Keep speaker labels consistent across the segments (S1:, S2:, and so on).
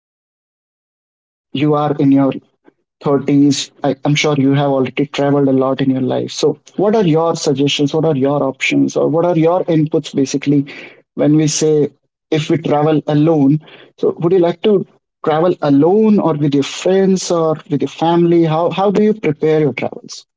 S1: guess you are in your 30s. I'm sure you have already traveled a lot in your life. So, what are your suggestions? What are your options? Or what are your inputs basically when we say if we travel alone? So, would you like to travel alone or with your friends or with your family? How do you prepare your travels?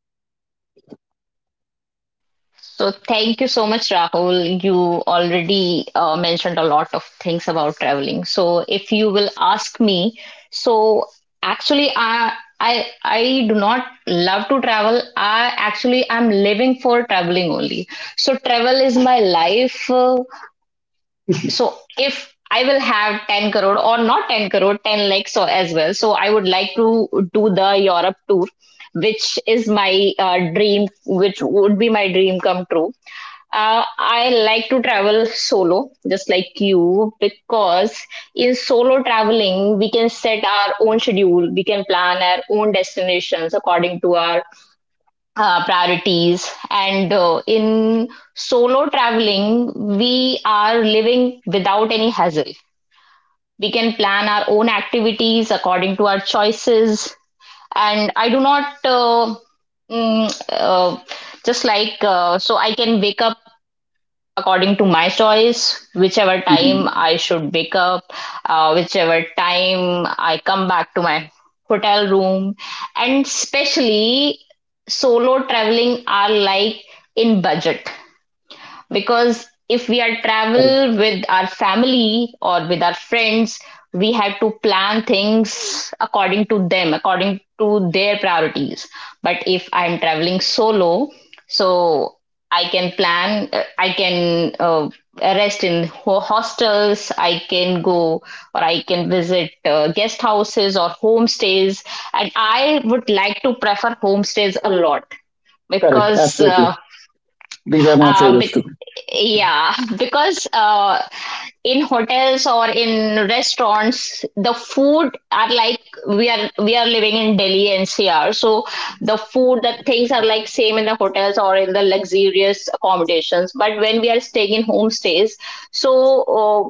S2: So, thank you so much, Rahul. You already mentioned a lot of things about traveling. So, if you will ask me, so actually, I I do not love to travel. I, actually, I'm living for traveling only. So travel is my life. So if I will have 10 crore or not 10 crore, 10 lakhs or as well. So I would like to do the Europe tour, which is my dream, which would be my dream come true. I like to travel solo, just like you, because in solo traveling, we can set our own schedule, we can plan our own destinations according to our priorities. And in solo traveling, we are living without any hassle. We can plan our own activities according to our choices. And I do not, mm, uh, so I can wake up according to my choice, whichever
S1: Mhm.
S2: time
S1: Mhm.
S2: I should wake up, whichever time I come back to my hotel room. And especially solo traveling are like in budget, because if we are
S1: Correct.
S2: travel with our family or with our friends, we had to plan things according to them, according to their priorities. But if I am traveling solo, so I can plan, I can rest in hostels, I can go, or I can visit guest houses or homestays. And I would like to prefer homestays a lot,
S1: Correct.
S2: because
S1: Absolutely. These are my
S2: uh,
S1: favorites
S2: be-
S1: too.
S2: yeah, because in hotels or in restaurants the food are like, we are living in Delhi NCR. So the food, the things are like same in the hotels or in the luxurious accommodations. But when we are staying in homestays, so uh,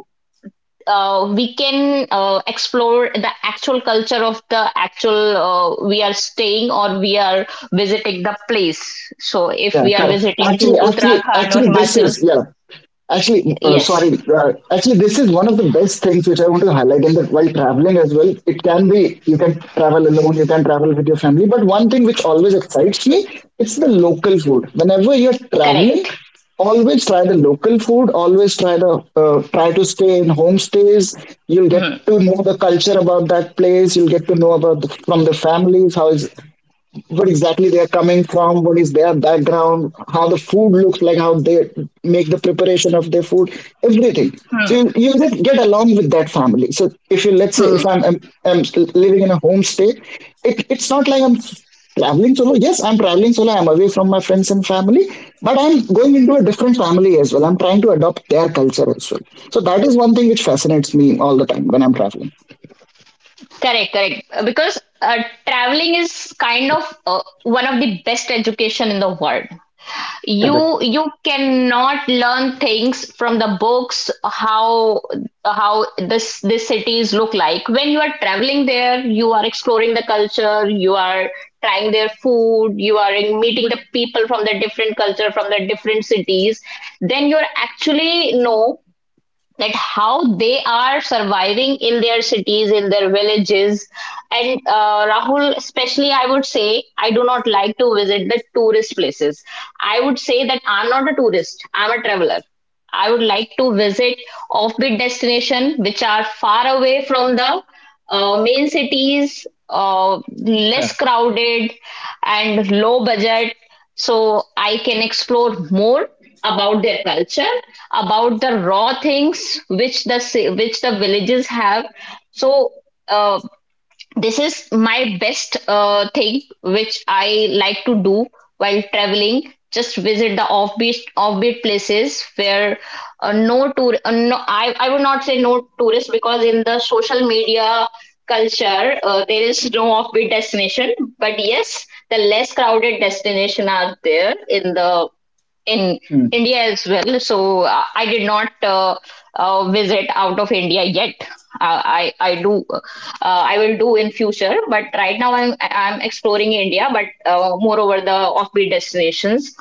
S2: we can explore the actual culture of the actual, we are staying or we are visiting the place. So if
S1: Yeah,
S2: we are
S1: correct.
S2: visiting
S1: Actually,
S2: to
S1: actually,
S2: Uttarakhand or
S1: actually, this
S2: Himachal.
S1: is yeah. Actually,
S2: Yes,
S1: sorry. Actually, this is one of the best things which I want to highlight. In that, while traveling as well, it can be, you can travel alone, you can travel with your family. But one thing which always excites me, it's the local food. Whenever you're traveling,
S2: correct.
S1: always try the local food. Always try the try to stay in homestays. You'll get
S2: Hmm.
S1: to know the culture about that place. You'll get to know about the, from the families how is what exactly they are coming from, what is their background, how the food looks like, how they make the preparation of their food, everything. So
S2: Hmm.
S1: you just get along with that family. So if you, let's say
S2: Hmm.
S1: if I'm living in a homestay, it, it's not like I'm traveling solo. Yes, I'm traveling solo. I'm away from my friends and family, but I'm going into a different family as well. I'm trying to adopt their culture as well. So that is one thing which fascinates me all the time when I'm traveling.
S2: Correct, correct, because traveling is kind of one of the best education in the world.
S1: Correct.
S2: You cannot learn things from the books, how how this cities look like. When you are traveling there, you are exploring the culture, you are trying their food, you are meeting the people from the different culture, from the different cities. Then you're actually know that how they are surviving in their cities, in their villages. And Rahul, especially, I would say I do not like to visit the tourist places. I would say that I'm not a tourist, I'm a traveler. I would like to visit offbeat destination which are far away from the main cities, less crowded, and low budget. So I can explore more about their culture, about the raw things which which the villages have. So uh, this is my best thing which I like to do while traveling, just visit the offbeat places where no, I, I would not say no tourists, because in the social media culture there is no offbeat destination. But yes, the less crowded destination are there in the in
S1: Mm-hmm.
S2: India as well. So I did not visit out of India yet. Uh, I I do uh, I will do in future, but right now I'm exploring India, but more over the offbeat destinations.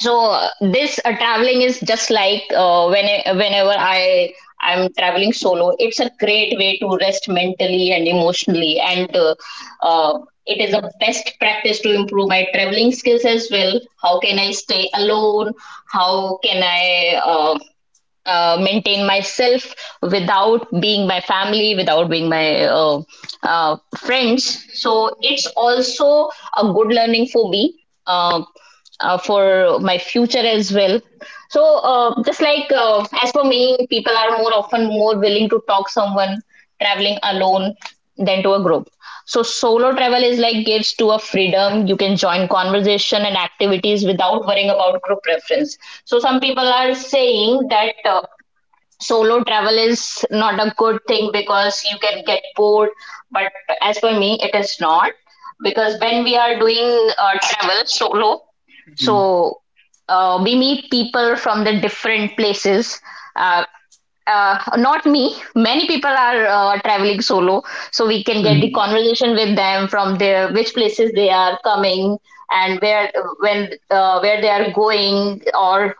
S2: So this traveling is just like when whenever I'm traveling solo, it's a great way to rest mentally and emotionally, and uh, it is a best practice to improve my traveling skills as well. How can I stay alone, how can I maintain myself, without being my family, without being my friends. So it's also a good learning for me, uh, for my future as well. So just like, as for me, people are more often more willing to talk someone traveling alone than to a group. So solo travel is like gives to a freedom. You can join conversation and activities without worrying about group preference. So some people are saying that solo travel is not a good thing because you can get bored. But as for me, it is not, because when we are doing travel solo,
S1: Mm-hmm.
S2: so we meet people from the different places. Uh, not me, many people are traveling solo, so we can get the
S1: Mm-hmm.
S2: conversation with them from their which places they are coming, and where when where they are going, or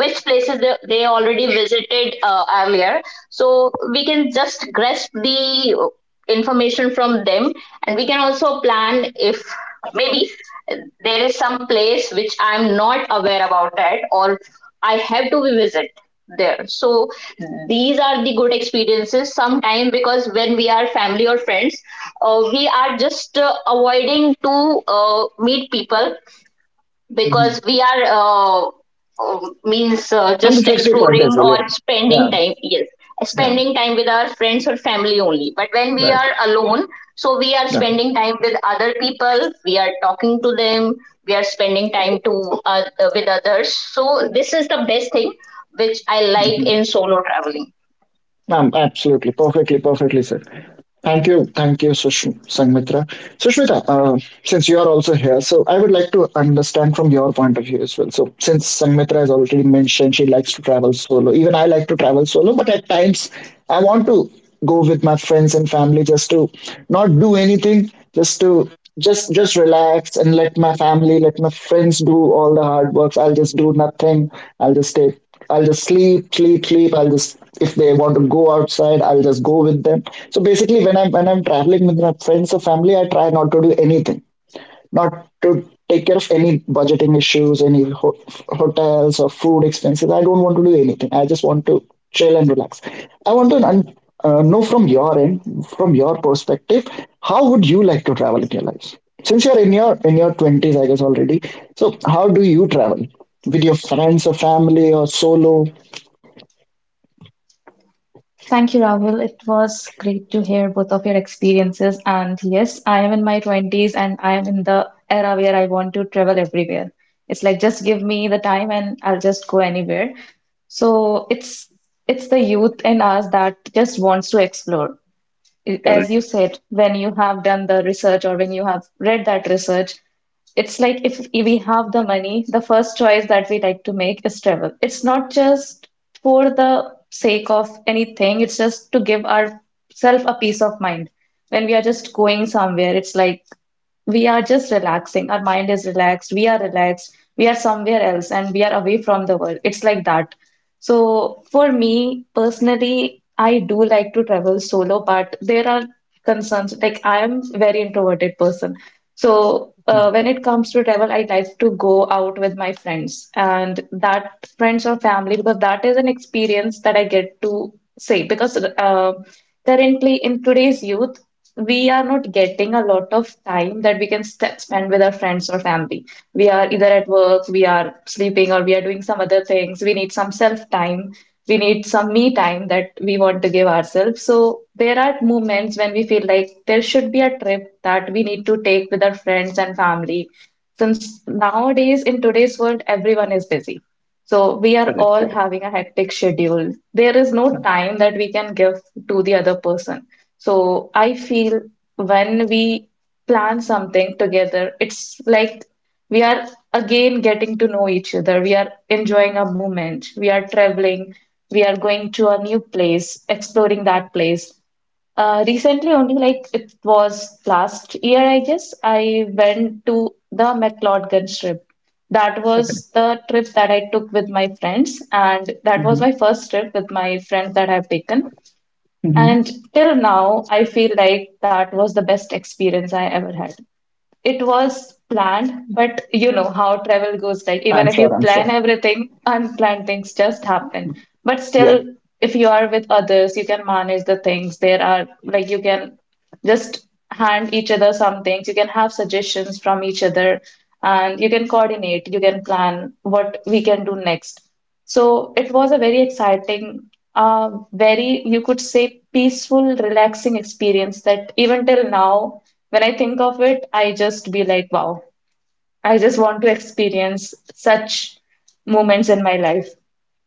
S2: which places they already visited earlier. So we can just grasp the information from them, and we can also plan if maybe there is some place which I'm not aware about it, or I have to visit there. So these are the good experiences sometime, because when we are family or friends, we are just avoiding to meet people, because we are means,
S1: From the
S2: just
S1: safety point as
S2: exploring
S1: well, yeah.
S2: or spending
S1: Yeah.
S2: time. Yes,
S1: Yeah,
S2: spending time with our friends or family only. But when we
S1: right.
S2: are alone, so we are
S1: Yeah.
S2: spending time with other people, we are talking to them, we are spending time to uh, with others. So this is the best thing which I like
S1: Mhm.
S2: in solo traveling.
S1: Absolutely. Perfectly, perfectly said. Thank you. Thank you, Sangmitra. Sushmita, since you are also here, so I would like to understand from your point of view as well. So, since Sangmitra has already mentioned she likes to travel solo, even I like to travel solo, but at times I want to go with my friends and family, just to not do anything, just to just relax and let my family, let my friends do all the hard works. I'll just do nothing. I'll just sleep, sleep, sleep. I'll just if they want to go outside, I'll just go with them. So basically, when I'm traveling with my friends or family, I try not to do anything, not to take care of any budgeting issues, any hotels or food expenses. I don't want to do anything. I just want to chill and relax. I want to un- Know from your end, from your perspective, how would you like to travel in your life? Since you're in your twenties, I guess already. So how do you travel? With your friends or family or solo?
S3: Thank you, Rahul. It was great to hear both of your experiences. And yes, I am in my 20s, and I am in the era where I want to travel everywhere. It's like just give me the time and I'll just go anywhere. So it's the youth in us that just wants to explore. As you said, when you have done the research or when you have read that research, it's like if we have the money, the first choice that we like to make is travel. It's not just for the sake of anything, it's just to give ourselves a peace of mind. When we are just going somewhere, it's like we are just relaxing. Our mind is relaxed, we are relaxed, we are somewhere else, and we are away from the world. It's like that. So for me personally, I do like to travel solo, but there are concerns like I am very introverted person. So when it comes to travel, I like to go out with my friends, and that friends or family, because that is an experience that I get to say. Because currently in today's youth, we are not getting a lot of time that we can st spend with our friends or family. We are either at work, we are sleeping, or we are doing some other things. We need some self time. We need some me time that we want to give ourselves. So there are moments when we feel like there should be a trip that we need to take with our friends and family. Since nowadays in today's world, everyone is busy. So we are all having a hectic schedule. There is no time that we can give to the other person. So I feel when we plan something together, it's like we are again getting to know each other. We are enjoying a moment. We are traveling. We are going to a new place, exploring that place. Recently, only like it was last year, I guess, I went to the McLeodgin trip. That
S1: Okay.
S3: was the trip that I took with my friends, and that
S1: Hmm.
S3: was my first trip with my friends that I've taken.
S1: Hmm.
S3: And till now, I feel like that was the best experience I ever had. It was planned, but you know how travel goes, like even
S1: I'm
S3: if you
S1: sure. I'm sure.
S3: plan everything, unplanned things just happen. But
S1: Yeah.
S3: still, if you are with others, you can manage the things. There are like you can just hand each other some things. You can have suggestions from each other, and you can coordinate, you can plan what we can do next. So it was a very exciting, very, you could say, peaceful, relaxing experience that even till now, when I think of it, I just be like, wow, I just want to experience such moments in my life.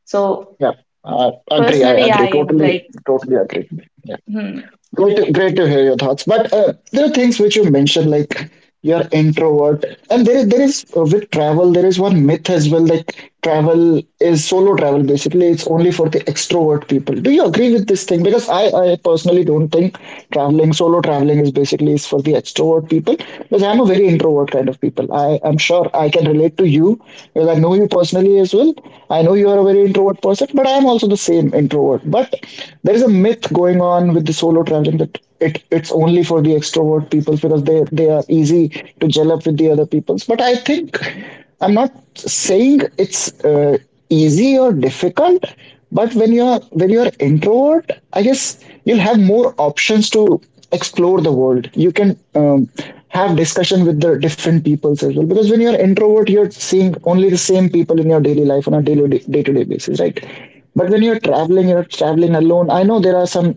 S3: So
S1: Yeah. Agree. I
S3: personally,
S1: agree.
S3: I'm
S1: Totally.
S3: like,
S1: Totally agree. Yeah.
S3: hmm,
S1: Great. To, great to hear your thoughts. But there are things which you mentioned, like you're introvert, and there is with travel there is one myth as well. Like travel is solo travel. Basically, it's only for the extrovert people. Do you agree with this thing? Because I personally don't think traveling solo traveling is basically is for the extrovert people. Because I'm a very introvert kind of people. I am sure I can relate to you because I know you personally as well. I know you are a very introvert person, but I am also the same introvert. But there is a myth going on with the solo traveling that it, it's only for the extrovert people because they are easy to gel up with the other peoples. But I think I'm not saying it's. Easy or difficult, but when you're, when you're introvert, I guess you'll have more options to explore the world. You can have discussion with the different peoples as well, because when you're introvert, you're seeing only the same people in your daily life on a daily day-to-day basis, right? But when you're traveling, you're traveling alone. I know there are some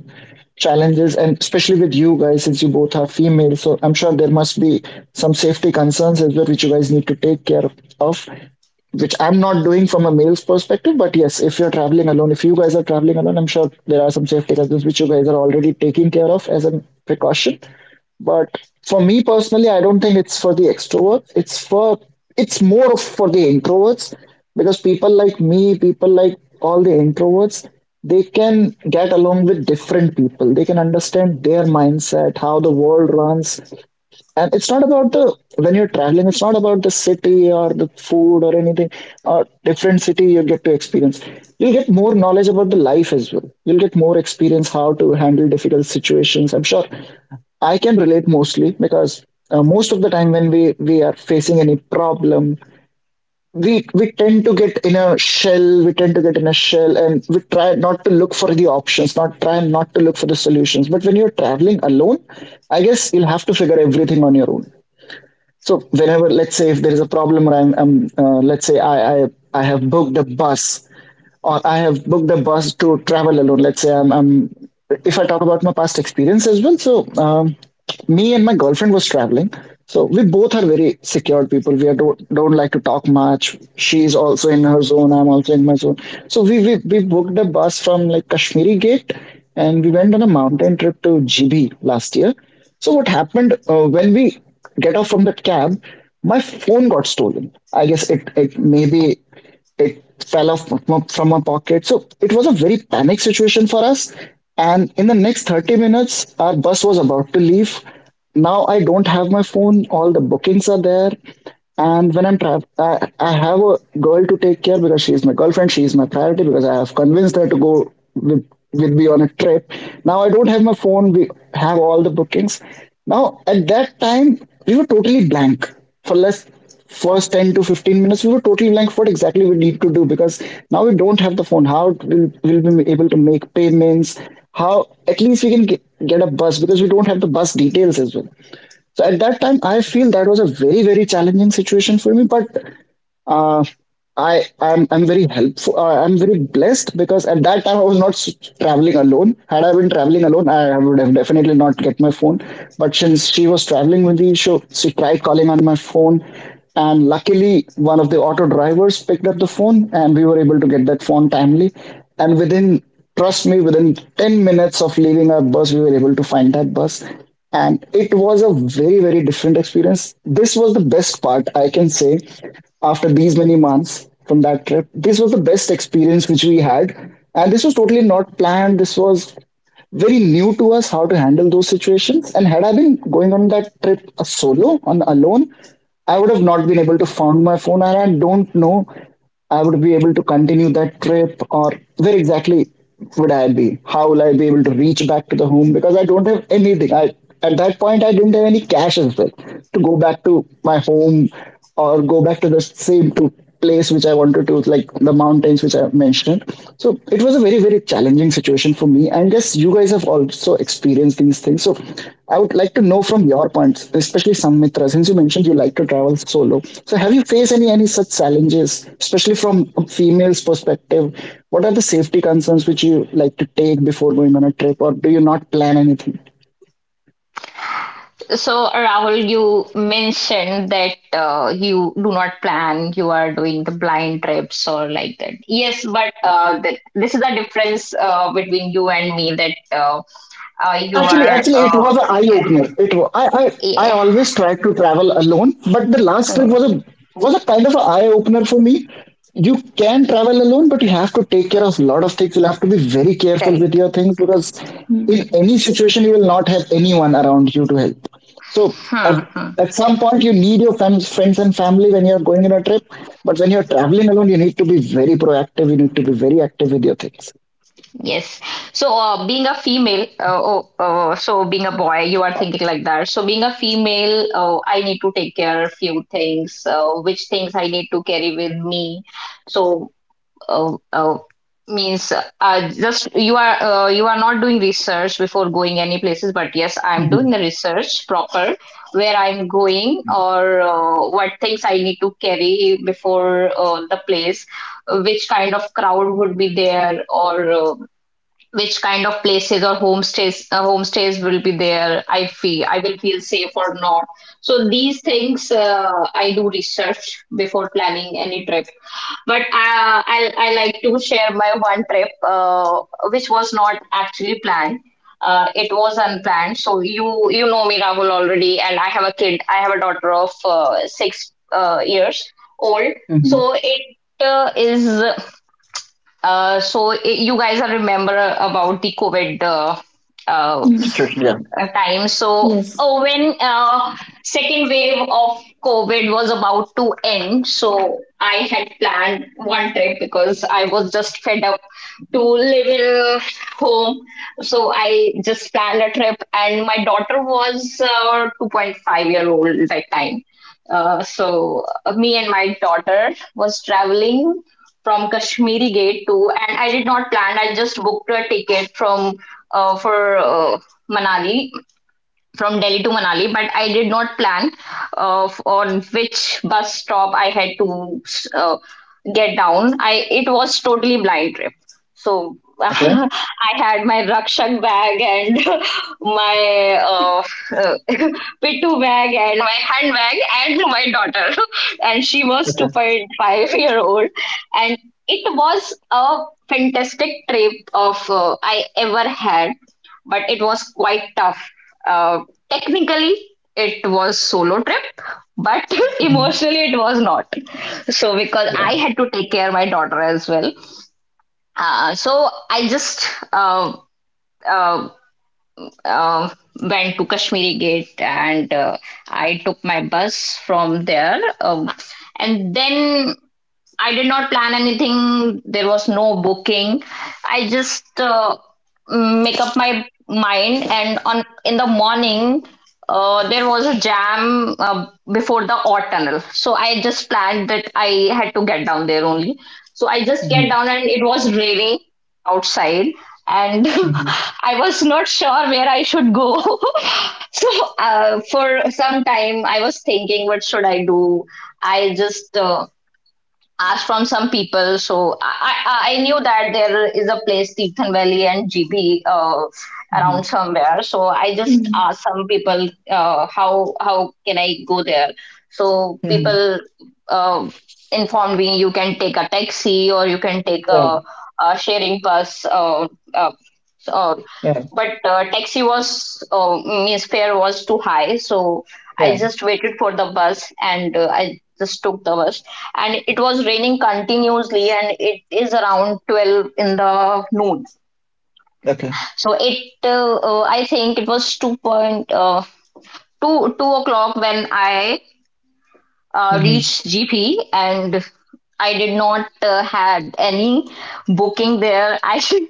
S1: challenges, and especially with you guys, since you both are female, so I'm sure there must be some safety concerns as well which you guys need to take care of, which I'm not doing from a male's perspective, but yes, if you're traveling alone, if you guys are traveling alone, I'm sure there are some safety concerns which you guys are already taking care of as a precaution. But for me personally, I don't think it's for the extroverts. It's for it's more of for the introverts because people like me, people like all the introverts, they can get along with different people. They can understand their mindset, how the world runs, and it's not about the when you're traveling, it's not about the city or the food or anything or different city you get to experience. You'll get more knowledge about the life as well. You'll get more experience how to handle difficult situations. I'm sure I can relate mostly because most of the time when we are facing any problem, we tend to get in a shell. We tend to get in a shell, and we try not to look for the options, not try not to look for the solutions. But when you're traveling alone, I guess you'll have to figure everything on your own. So whenever, let's say, if there is a problem, or I'm let's say, I have booked a bus or I have booked a bus to travel alone. Let's say I'm If I talk about my past experience as well. So, me and my girlfriend was traveling. So we both are very secured people. We are don't like to talk much. She's also in her zone. I'm also in my zone. So we booked a bus from like Kashmiri Gate, and we went on a mountain trip to GB last year. So what happened when we get off from that cab? My phone got stolen. I guess it maybe it fell off from my pocket. So it was a very panic situation for us. And in the next 30 minutes, our bus was about to leave. Now I don't have my phone. All the bookings are there. And when I'm trapped, I have a girl to take care because she's my girlfriend. She's my priority because I have convinced her to go with me on a trip. Now I don't have my phone. We have all the bookings. Now at that time, we were totally blank for less first 10 to 15 minutes. We were totally blank what exactly we need to do because now we don't have the phone. How will we be able to make payments? How at least we can get a bus because we don't have the bus details as well. So at that time, I feel that was a very, very challenging situation for me. But uh, I'm very helpful. I'm very blessed because at that time I was not traveling alone. Had I been traveling alone, I would have definitely not get my phone. But since she was traveling with the issue, she tried calling on my phone, and luckily one of the auto drivers picked up the phone, and we were able to get that phone timely. And within, trust me, within 10 minutes of leaving our bus, we were able to find that bus. And it was a very, very different experience. This was the best part, I can say after these many months from that trip. This was the best experience which we had, and this was totally not planned. This was very new to us how to handle those situations. And had I been going on that trip a solo, on alone, I would have not been able to find my phone, and I don't know I would be able to continue that trip, or where exactly would I be? How will I be able to reach back to the home? Because I don't have anything. I At that point I didn't have any cash as well to go back to my home or go back to the same to place which I wanted to, like the mountains which I mentioned. So it was a very, very, very challenging situation for me. And yes, you guys have also experienced these things. So I would like to know from your points, especially Sanmitra, since you mentioned you like to travel solo. So have you faced any such challenges, especially from a female's perspective? What are the safety concerns which you like to take before going on a trip, or do you not plan anything?
S2: So, Rahul, you mentioned that you do not plan, you are doing the blind trips or like that. Yes, but this is the difference between you and me, that uh, you
S1: Actually,
S2: are,
S1: actually, it
S2: uh,
S1: was an eye opener. It wa- I
S2: yeah,
S1: always try to travel alone, but the last trip
S2: hmm,
S1: was a kind of an eye opener for me. You can travel alone, but you have to take care of a lot of things. You'll have to be very careful with
S2: correct.
S1: your things because
S3: hmm,
S1: in any situation you will not have anyone around you to help. So at
S2: Hmm, hmm.
S1: at some point you need your friends and family when you're going on a trip, but when you're traveling alone, you need to be very proactive. You need to be very active with your things.
S2: Yes. So, being a female, so being a boy, you are thinking like that. So, being a female, I need to take care of few things. Which things I need to carry with me? So, oh, oh, means just you are not doing research before going any places, but yes, I'm doing
S1: Mm-hmm.
S2: the research proper, where I'm going, or what things I need to carry before the place, which kind of crowd would be there, or which kind of places or homestays will be there. I feel I will feel safe or not. So these things I do research before planning any trip. But I like to share my one trip, which was not actually planned. It was unplanned. So you know me, Rahul, already, and I have a kid. I have a daughter of six years old.
S1: Mm-hmm.
S2: So it is. So I, you guys are remember about the COVID uh,
S3: hmm,
S1: Yeah.
S2: time. So,
S3: yes,
S2: oh, when second wave of COVID was about to end, so I had planned one trip, because I was just fed up to live in home. So I just planned a trip, and my daughter was 2.5 year old that time. Me and my daughter was traveling from Kashmiri Gate to, and I did not plan. I just booked a ticket from for Manali, from Delhi to Manali, but I did not plan on which bus stop I had to uh, get down. I, it was totally blind trip, so
S1: Okay.
S2: I had my Rakshak bag and my uh, Pitu bag and my handbag and my daughter, and she was two
S1: Okay.
S2: point five year old, and it was a fantastic trip of I ever had, but it was quite tough uh, technically. It was solo trip, but emotionally it was not. So because
S1: Yeah.
S2: I had to take care of my daughter as well. So I just uh, uh, uh, went to Kashmiri Gate, and I took my bus from there, and then I did not plan anything. There was no booking. I just make up my mind, and on in the morning, there was a jam before the odd tunnel. So I just planned that I had to get down there only. So I just
S1: Mm-hmm.
S2: get down, and it was raining outside, and
S1: Mm-hmm.
S2: I was not sure where I should go. So for some time, I was thinking, what should I do? I just asked from some people. So I knew that there is a place, Teethan Valley and GB,
S1: Mm-hmm.
S2: around somewhere. So I just
S3: hmm,
S2: asked some people, how can I go there? So
S1: Mm-hmm.
S2: people uh, informed me, you can take a taxi or you can take
S1: Yeah.
S2: a sharing bus. Uh, so-
S1: Yeah.
S2: but taxi was means fare was too high, so I
S1: Yeah.
S2: just waited for the bus, and I just took the bus, and it was raining continuously, and it is around 12 in the noon.
S1: Okay.
S2: So it I think it was 2 point 2 2 o'clock when I
S1: Mm-hmm.
S2: reached GP. And I did not had any booking there. I should,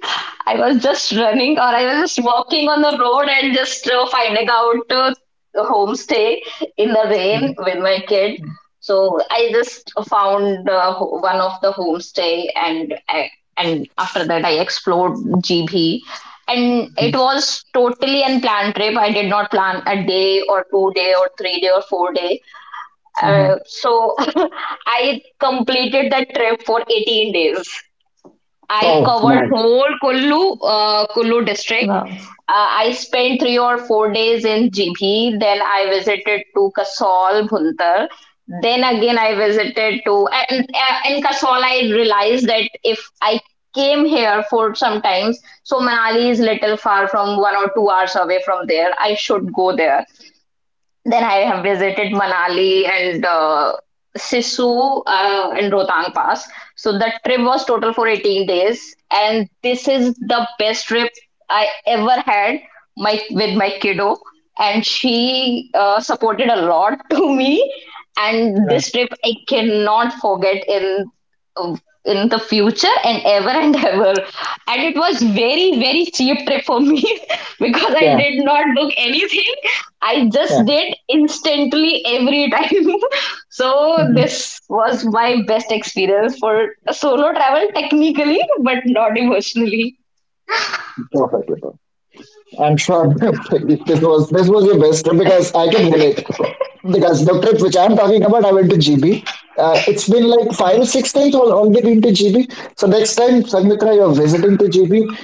S2: I was just running, or I was just walking on the road and just finding out the homestay in the
S1: Mm-hmm.
S2: rain with my kid. So I just found one of the homestay, and I, and after that I explored GB, and it was totally unplanned trip. I did not plan a day or 2 day or 3 day or 4 day,
S1: Mm-hmm.
S2: so I completed that trip for 18 days. I
S1: Oh,
S2: covered
S1: nice.
S2: whole Kullu, Kullu district.
S3: wow.
S2: Uh, I spent 3 or 4 days in GB. Then I visited to Kasol, Bhuntar. Then again, I visited to and in Kasol. I realized that if I came here for sometimes, so Manali is little far, from 1 or 2 hours away from there. I should go there. Then I have visited Manali and Sisu and Rohtang Pass. So the trip was total for 18 days, and this is the best trip I ever had, my with my kiddo, and she supported a lot to me. And
S1: Yeah.
S2: this trip I cannot forget uh, in the future and ever and ever. And it was very, very cheap trip for me because I
S1: Yeah.
S2: did not book anything. I just
S1: Yeah.
S2: did instantly every time. So this was my best experience for solo travel technically, but not emotionally.
S1: Perfect. I'm sure this was your best trip because I can relate. Because the trip which I'm talking about, I went to GB. It's been like five or six times I've already been to GB. So next time, Sanmitra, you're visiting to GB,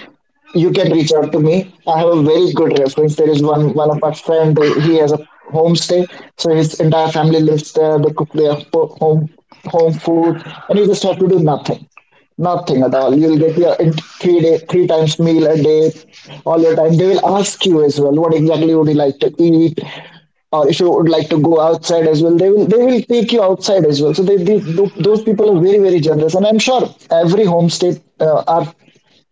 S1: you can reach out to me. I have a very good reference. There is one of our friend. He has a homestay, so his entire family lives there. They cook their home home food, and you just have to do nothing. Nothing at all. You'll get your 3 day, three times meal a day, all your time. They will ask you as well what exactly would you like to eat, or if you would like to go outside as well. They will take you outside as well. So these those people are very very generous, and I'm sure every homestay are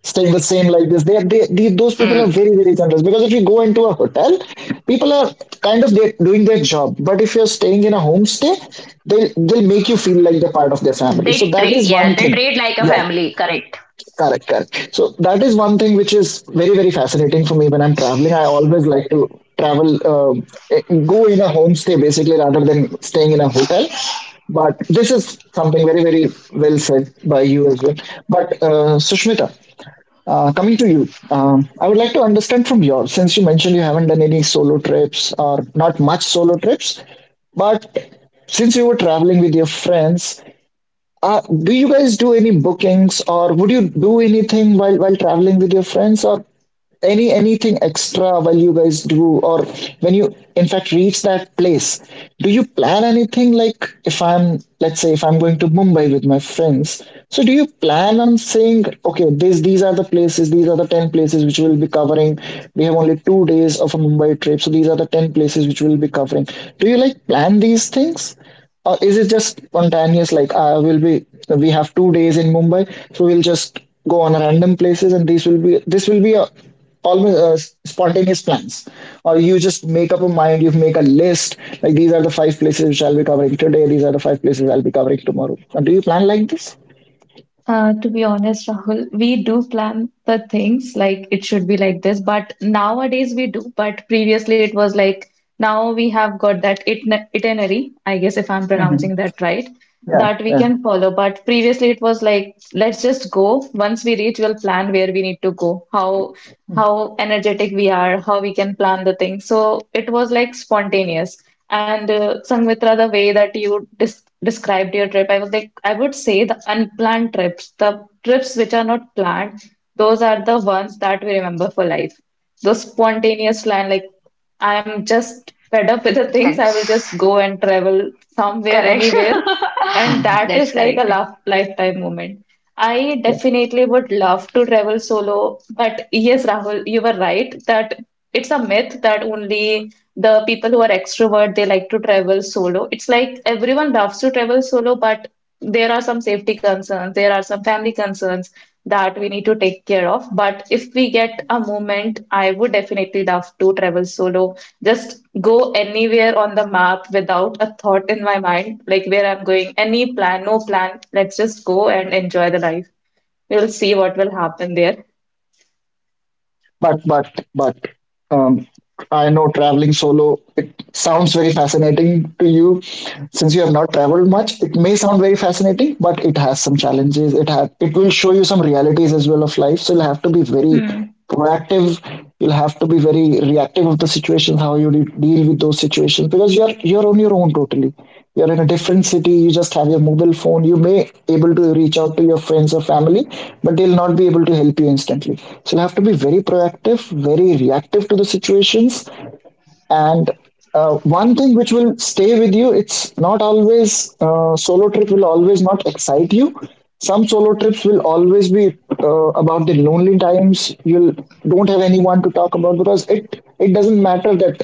S1: staying the same like this. They, those people are
S2: Hmm.
S1: very very generous because if you go into a hotel, people are kind of doing their job. But if you're staying in a homestay, they'll make you feel like they're part of their family. So
S2: They
S1: that
S2: treat,
S1: is one
S2: yeah, they
S1: thing.
S2: treat like a
S1: Yeah.
S2: family, correct.
S1: Correct, correct. So that is one thing which is very, very fascinating for me when I'm traveling. I always like to travel, go in a homestay basically rather than staying in a hotel. But this is something very, very well said by you as well. But Sushmita, coming to you, I would like to understand from your, since you mentioned you haven't done any solo trips or not much solo trips, but since you were traveling with your friends uh, do you guys do any bookings or would you do anything while traveling with your friends or anything extra while you guys do or when you in fact reach that place? Do you plan anything like if I'm let's say if I'm going to Mumbai with my friends, so do you plan on saying, okay, this these are the places, these are the 10 places which we'll be covering. We have only 2 days of a Mumbai trip, so these are the 10 places which we'll be covering. Do you like plan these things? Or is it just spontaneous? Like, I will be, we have 2 days in Mumbai, so we'll just go on random places, and this will be a almost spontaneous plans. Or you just make up a mind, you make a list, like these are the five places which I'll be covering today, these are the five places I'll be covering tomorrow. And do you plan like this?
S3: To be honest, Rahul, we do plan the things like it should be like this, but nowadays we do. But previously it was like now we have got that itinerary, I guess if I'm
S1: Hmm.
S3: pronouncing that right,
S1: Yeah,
S3: that we
S1: yeah.
S3: can follow. But previously it was like let's just go. Once we reach, we'll plan where we need to go, how energetic we are, how we can plan the thing. So it was like spontaneous. And Sanghmitra, the way that you dis described your trip, I was like, I would say the unplanned trips, the trips which are not planned, those are the ones that we remember for life. Those spontaneous plan, like I'm just fed up with the things. I will just
S2: That's
S3: go and travel somewhere,
S2: correct.
S3: anywhere. And
S1: Hmm.
S3: that
S2: That's
S3: is like a
S2: correct.
S3: laugh, lifetime moment. I definitely would love to travel solo. But yes, Rahul, you were right that it's a myth that only the people who are extrovert, they like to travel solo. It's like everyone loves to travel solo, but there are some safety concerns, there are some family concerns that we need to take care of. But if we get a moment, I would definitely love to travel solo. Just go anywhere on the map without a thought in my mind, like where I'm going, any plan, no plan. Let's just go and enjoy the life. We'll see what will happen there.
S1: But um, I know traveling solo it sounds very fascinating to you. Since you have not traveled much, it may sound very fascinating, but it has some challenges. It has it will show you some realities as well of life. So you'll have to be very
S3: Hmm.
S1: proactive. You'll have to be very reactive if the situations, how you deal with those situations, because you're on your own totally. You're in a different city. You just have your mobile phone. You may able to reach out to your friends or family, but they'll not be able to help you instantly. So you have to be very proactive, very reactive to the situations, and one thing which will stay with you, it's not always solo trip will always not excite you. Some solo trips will always be about the lonely times you will don't have anyone to talk about because it doesn't matter that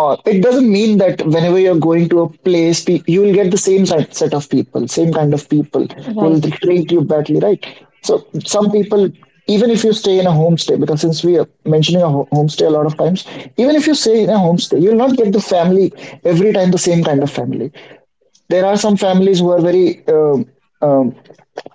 S1: it doesn't mean that whenever you're going to a place, you will get the same set of people, same kind of people who will
S3: Right.
S1: treat you badly, right? So some people, even if you stay in a homestay, because since we are mentioning a homestay a lot of times, even if you stay in a homestay, you'll not get the family every time the same kind of family. There are some families who are very um,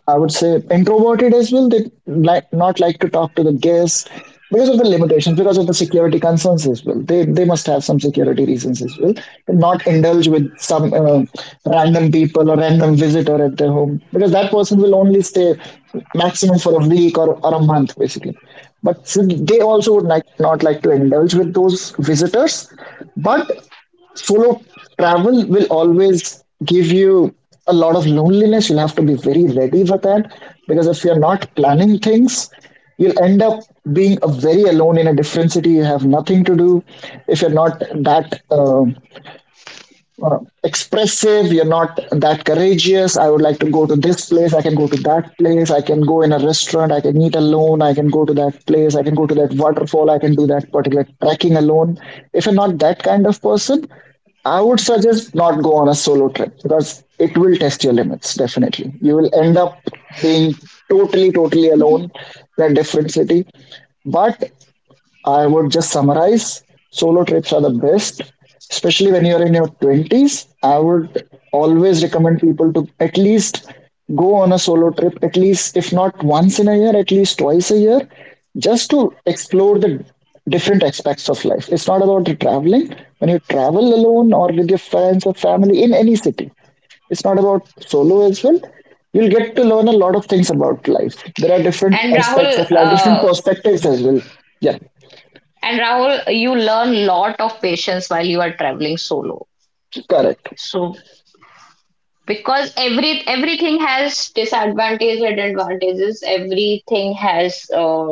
S1: I would say introverted as well. They like not like to talk to the guests because of the limitations, because of the security concerns as well. They must have some security reasons as well to not indulge with some random people or random visitor at their home because that person will only stay maximum for a week or a month basically. But so they also would like not like to indulge with those visitors, but solo travel will always give you a lot of loneliness. You'll have to be very ready for that because if you're not planning things, you'll end up being a very alone in a different city. You have nothing to do if you're not that uh, expressive, you're not that courageous. I would like to go to this place, I can go to that place, I can go in a restaurant, I can eat alone, I can go to that place, I can go to that waterfall, I can do that particular trekking alone. If you're not that kind of person, I would suggest not go on a solo trip because it will test your limits. Definitely you will end up being totally alone in a different city. But I would just summarize, solo trips are the best, especially when you're in your 20s. I would always recommend people to at least go on a solo trip, at least, if not once in a year, at least twice a year, just to explore the different aspects of life. It's not about the traveling. When you travel alone or with your friends or family in any city, it's not about solo as well. You'll get to learn a lot of things about life. There are different
S2: And
S1: aspects
S2: Rahul,
S1: of life, different
S2: uh,
S1: perspectives as well. Yeah.
S2: And Rahul, you learn lot of patience while you are traveling solo.
S1: Correct.
S2: So because every everything has disadvantages and advantages, everything has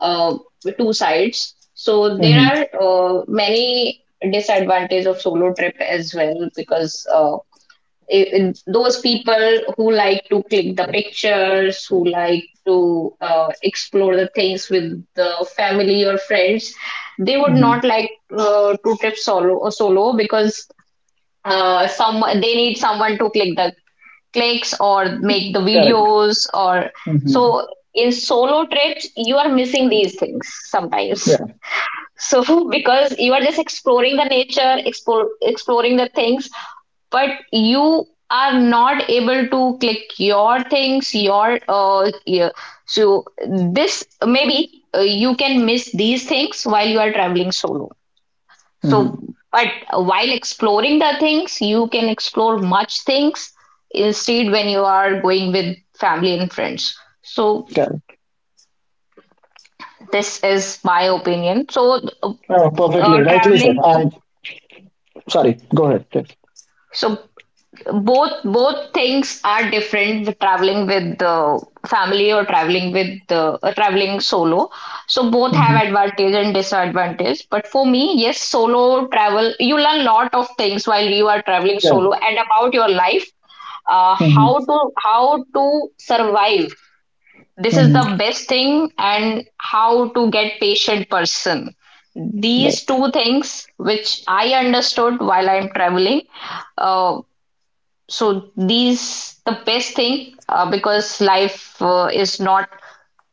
S2: uh, two sides. So there
S1: Hmm.
S2: are many disadvantages of solo trip as well, because. It, those people who like to click the pictures, who like to explore the things with the family or friends, they would
S1: Hmm.
S2: not like to trip solo solo, because some, they need someone to click the clicks or make the
S1: Correct.
S2: videos, or
S1: Hmm.
S2: so in solo trips you are missing these things sometimes,
S1: Yeah.
S2: so because you are just exploring the nature, exploring the things, but you are not able to click your things, your uh, yeah. So this maybe you can miss these things while you are traveling solo.
S1: Hmm.
S2: So but while exploring the things, you can explore much things, instead when you are going with family and friends. So
S1: Correct.
S2: this is my opinion. So
S1: Oh, perfectly. Rightly said.
S2: traveling,
S1: I sorry. Go ahead.
S2: so both things are different, with traveling with the family or traveling with the traveling solo. So both have
S1: Hmm.
S2: advantage and disadvantage, but for me, yes, solo travel, you learn lot of things while you are traveling
S1: Yeah.
S2: solo and about your life.
S1: Hmm.
S2: How to survive, this is
S1: Hmm.
S2: the best thing, and how to get patient person.
S1: Right.
S2: These two things which I understood while I'm traveling. uh, so these the best thing, because life is not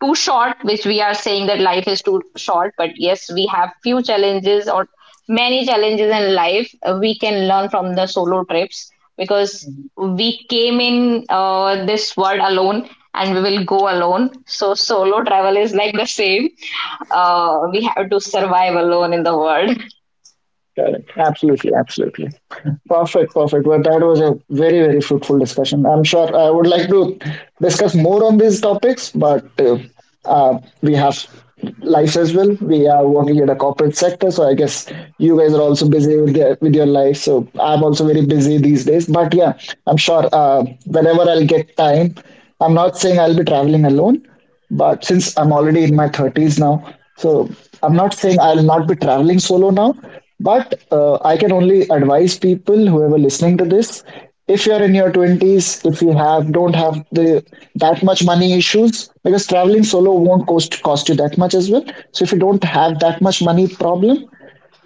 S2: too short, which we are saying that life is too short, but yes, we have few challenges or many challenges in life. We can learn from the solo trips, because we came in this world alone, and we will go alone. So solo travel is like the same. We have to survive alone in the world.
S1: Correct. Absolutely. Absolutely. Perfect. Perfect. Well, that was a very, very fruitful discussion. I'm sure I would like to discuss more on these topics, but we have lives as well. We are working in a corporate sector, so I guess you guys are also busy with, the, with your life. So I'm also very busy these days. But yeah, I'm sure whenever I'll get time, I'm not saying I'll be traveling alone, but since I'm already in my 30s now, so I'm not saying I'll not be traveling solo now, but I can only advise people, whoever listening to this, if you're in your 20s, if you have don't have the that much money issues, because traveling solo won't cost you that much as well. So if you don't have that much money problem,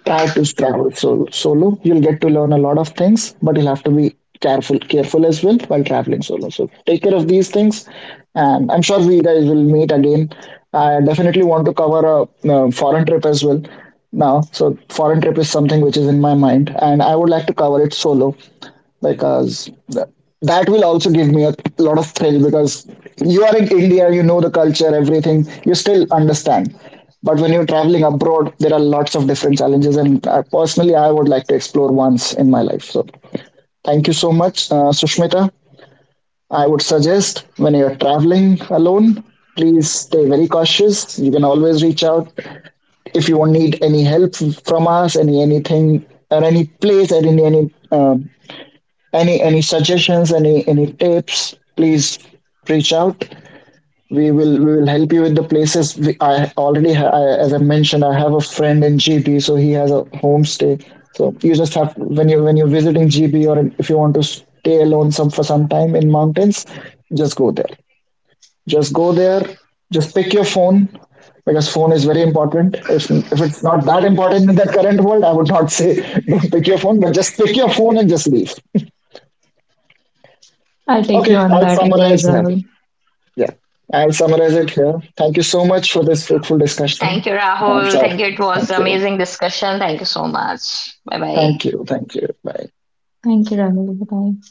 S1: try to travel solo. Solo. You'll get to learn a lot of things, but you'll have to be careful, careful as well while traveling solo. So take care of these things, and I'm sure we guys will meet again. I definitely want to cover a, foreign trip as well now. So foreign trip is something which is in my mind, and I would like to cover it solo because that will also give me a lot of thrill because you are in India, you know the culture, everything, you still understand. But when you're traveling abroad, there are lots of different challenges, and personally, I would like to explore once in my life. So, thank you so much, Sushmita. I would suggest when you're traveling alone, please stay very cautious. You can always reach out if you need any help from us, anything, or any place, or any suggestions, any tips, please reach out. We will help you with the places I already ha- I, as I mentioned, I have a friend in GB, so he has a homestay. So you just have when you're visiting GB or if you want to stay alone some for some time in mountains, just go there, just go there, just pick your phone, because phone is very important. If it's not that important in the current world, I would not say don't pick your phone, but just pick your phone and just leave.
S3: I'll take you
S1: Okay,
S3: on
S1: I'll
S3: that advice,
S1: summarize here.
S3: Rahul.
S1: Yeah, I'll summarize it here. Thank you so much for this fruitful
S2: Thank you,
S1: discussion. I'm
S2: Rahul.
S1: sure.
S2: Thank you. It was
S1: Thank you.
S2: amazing discussion. Thank you so much. Bye bye.
S1: Thank you. Thank you. Bye.
S3: Thank you, Rahul. Bye.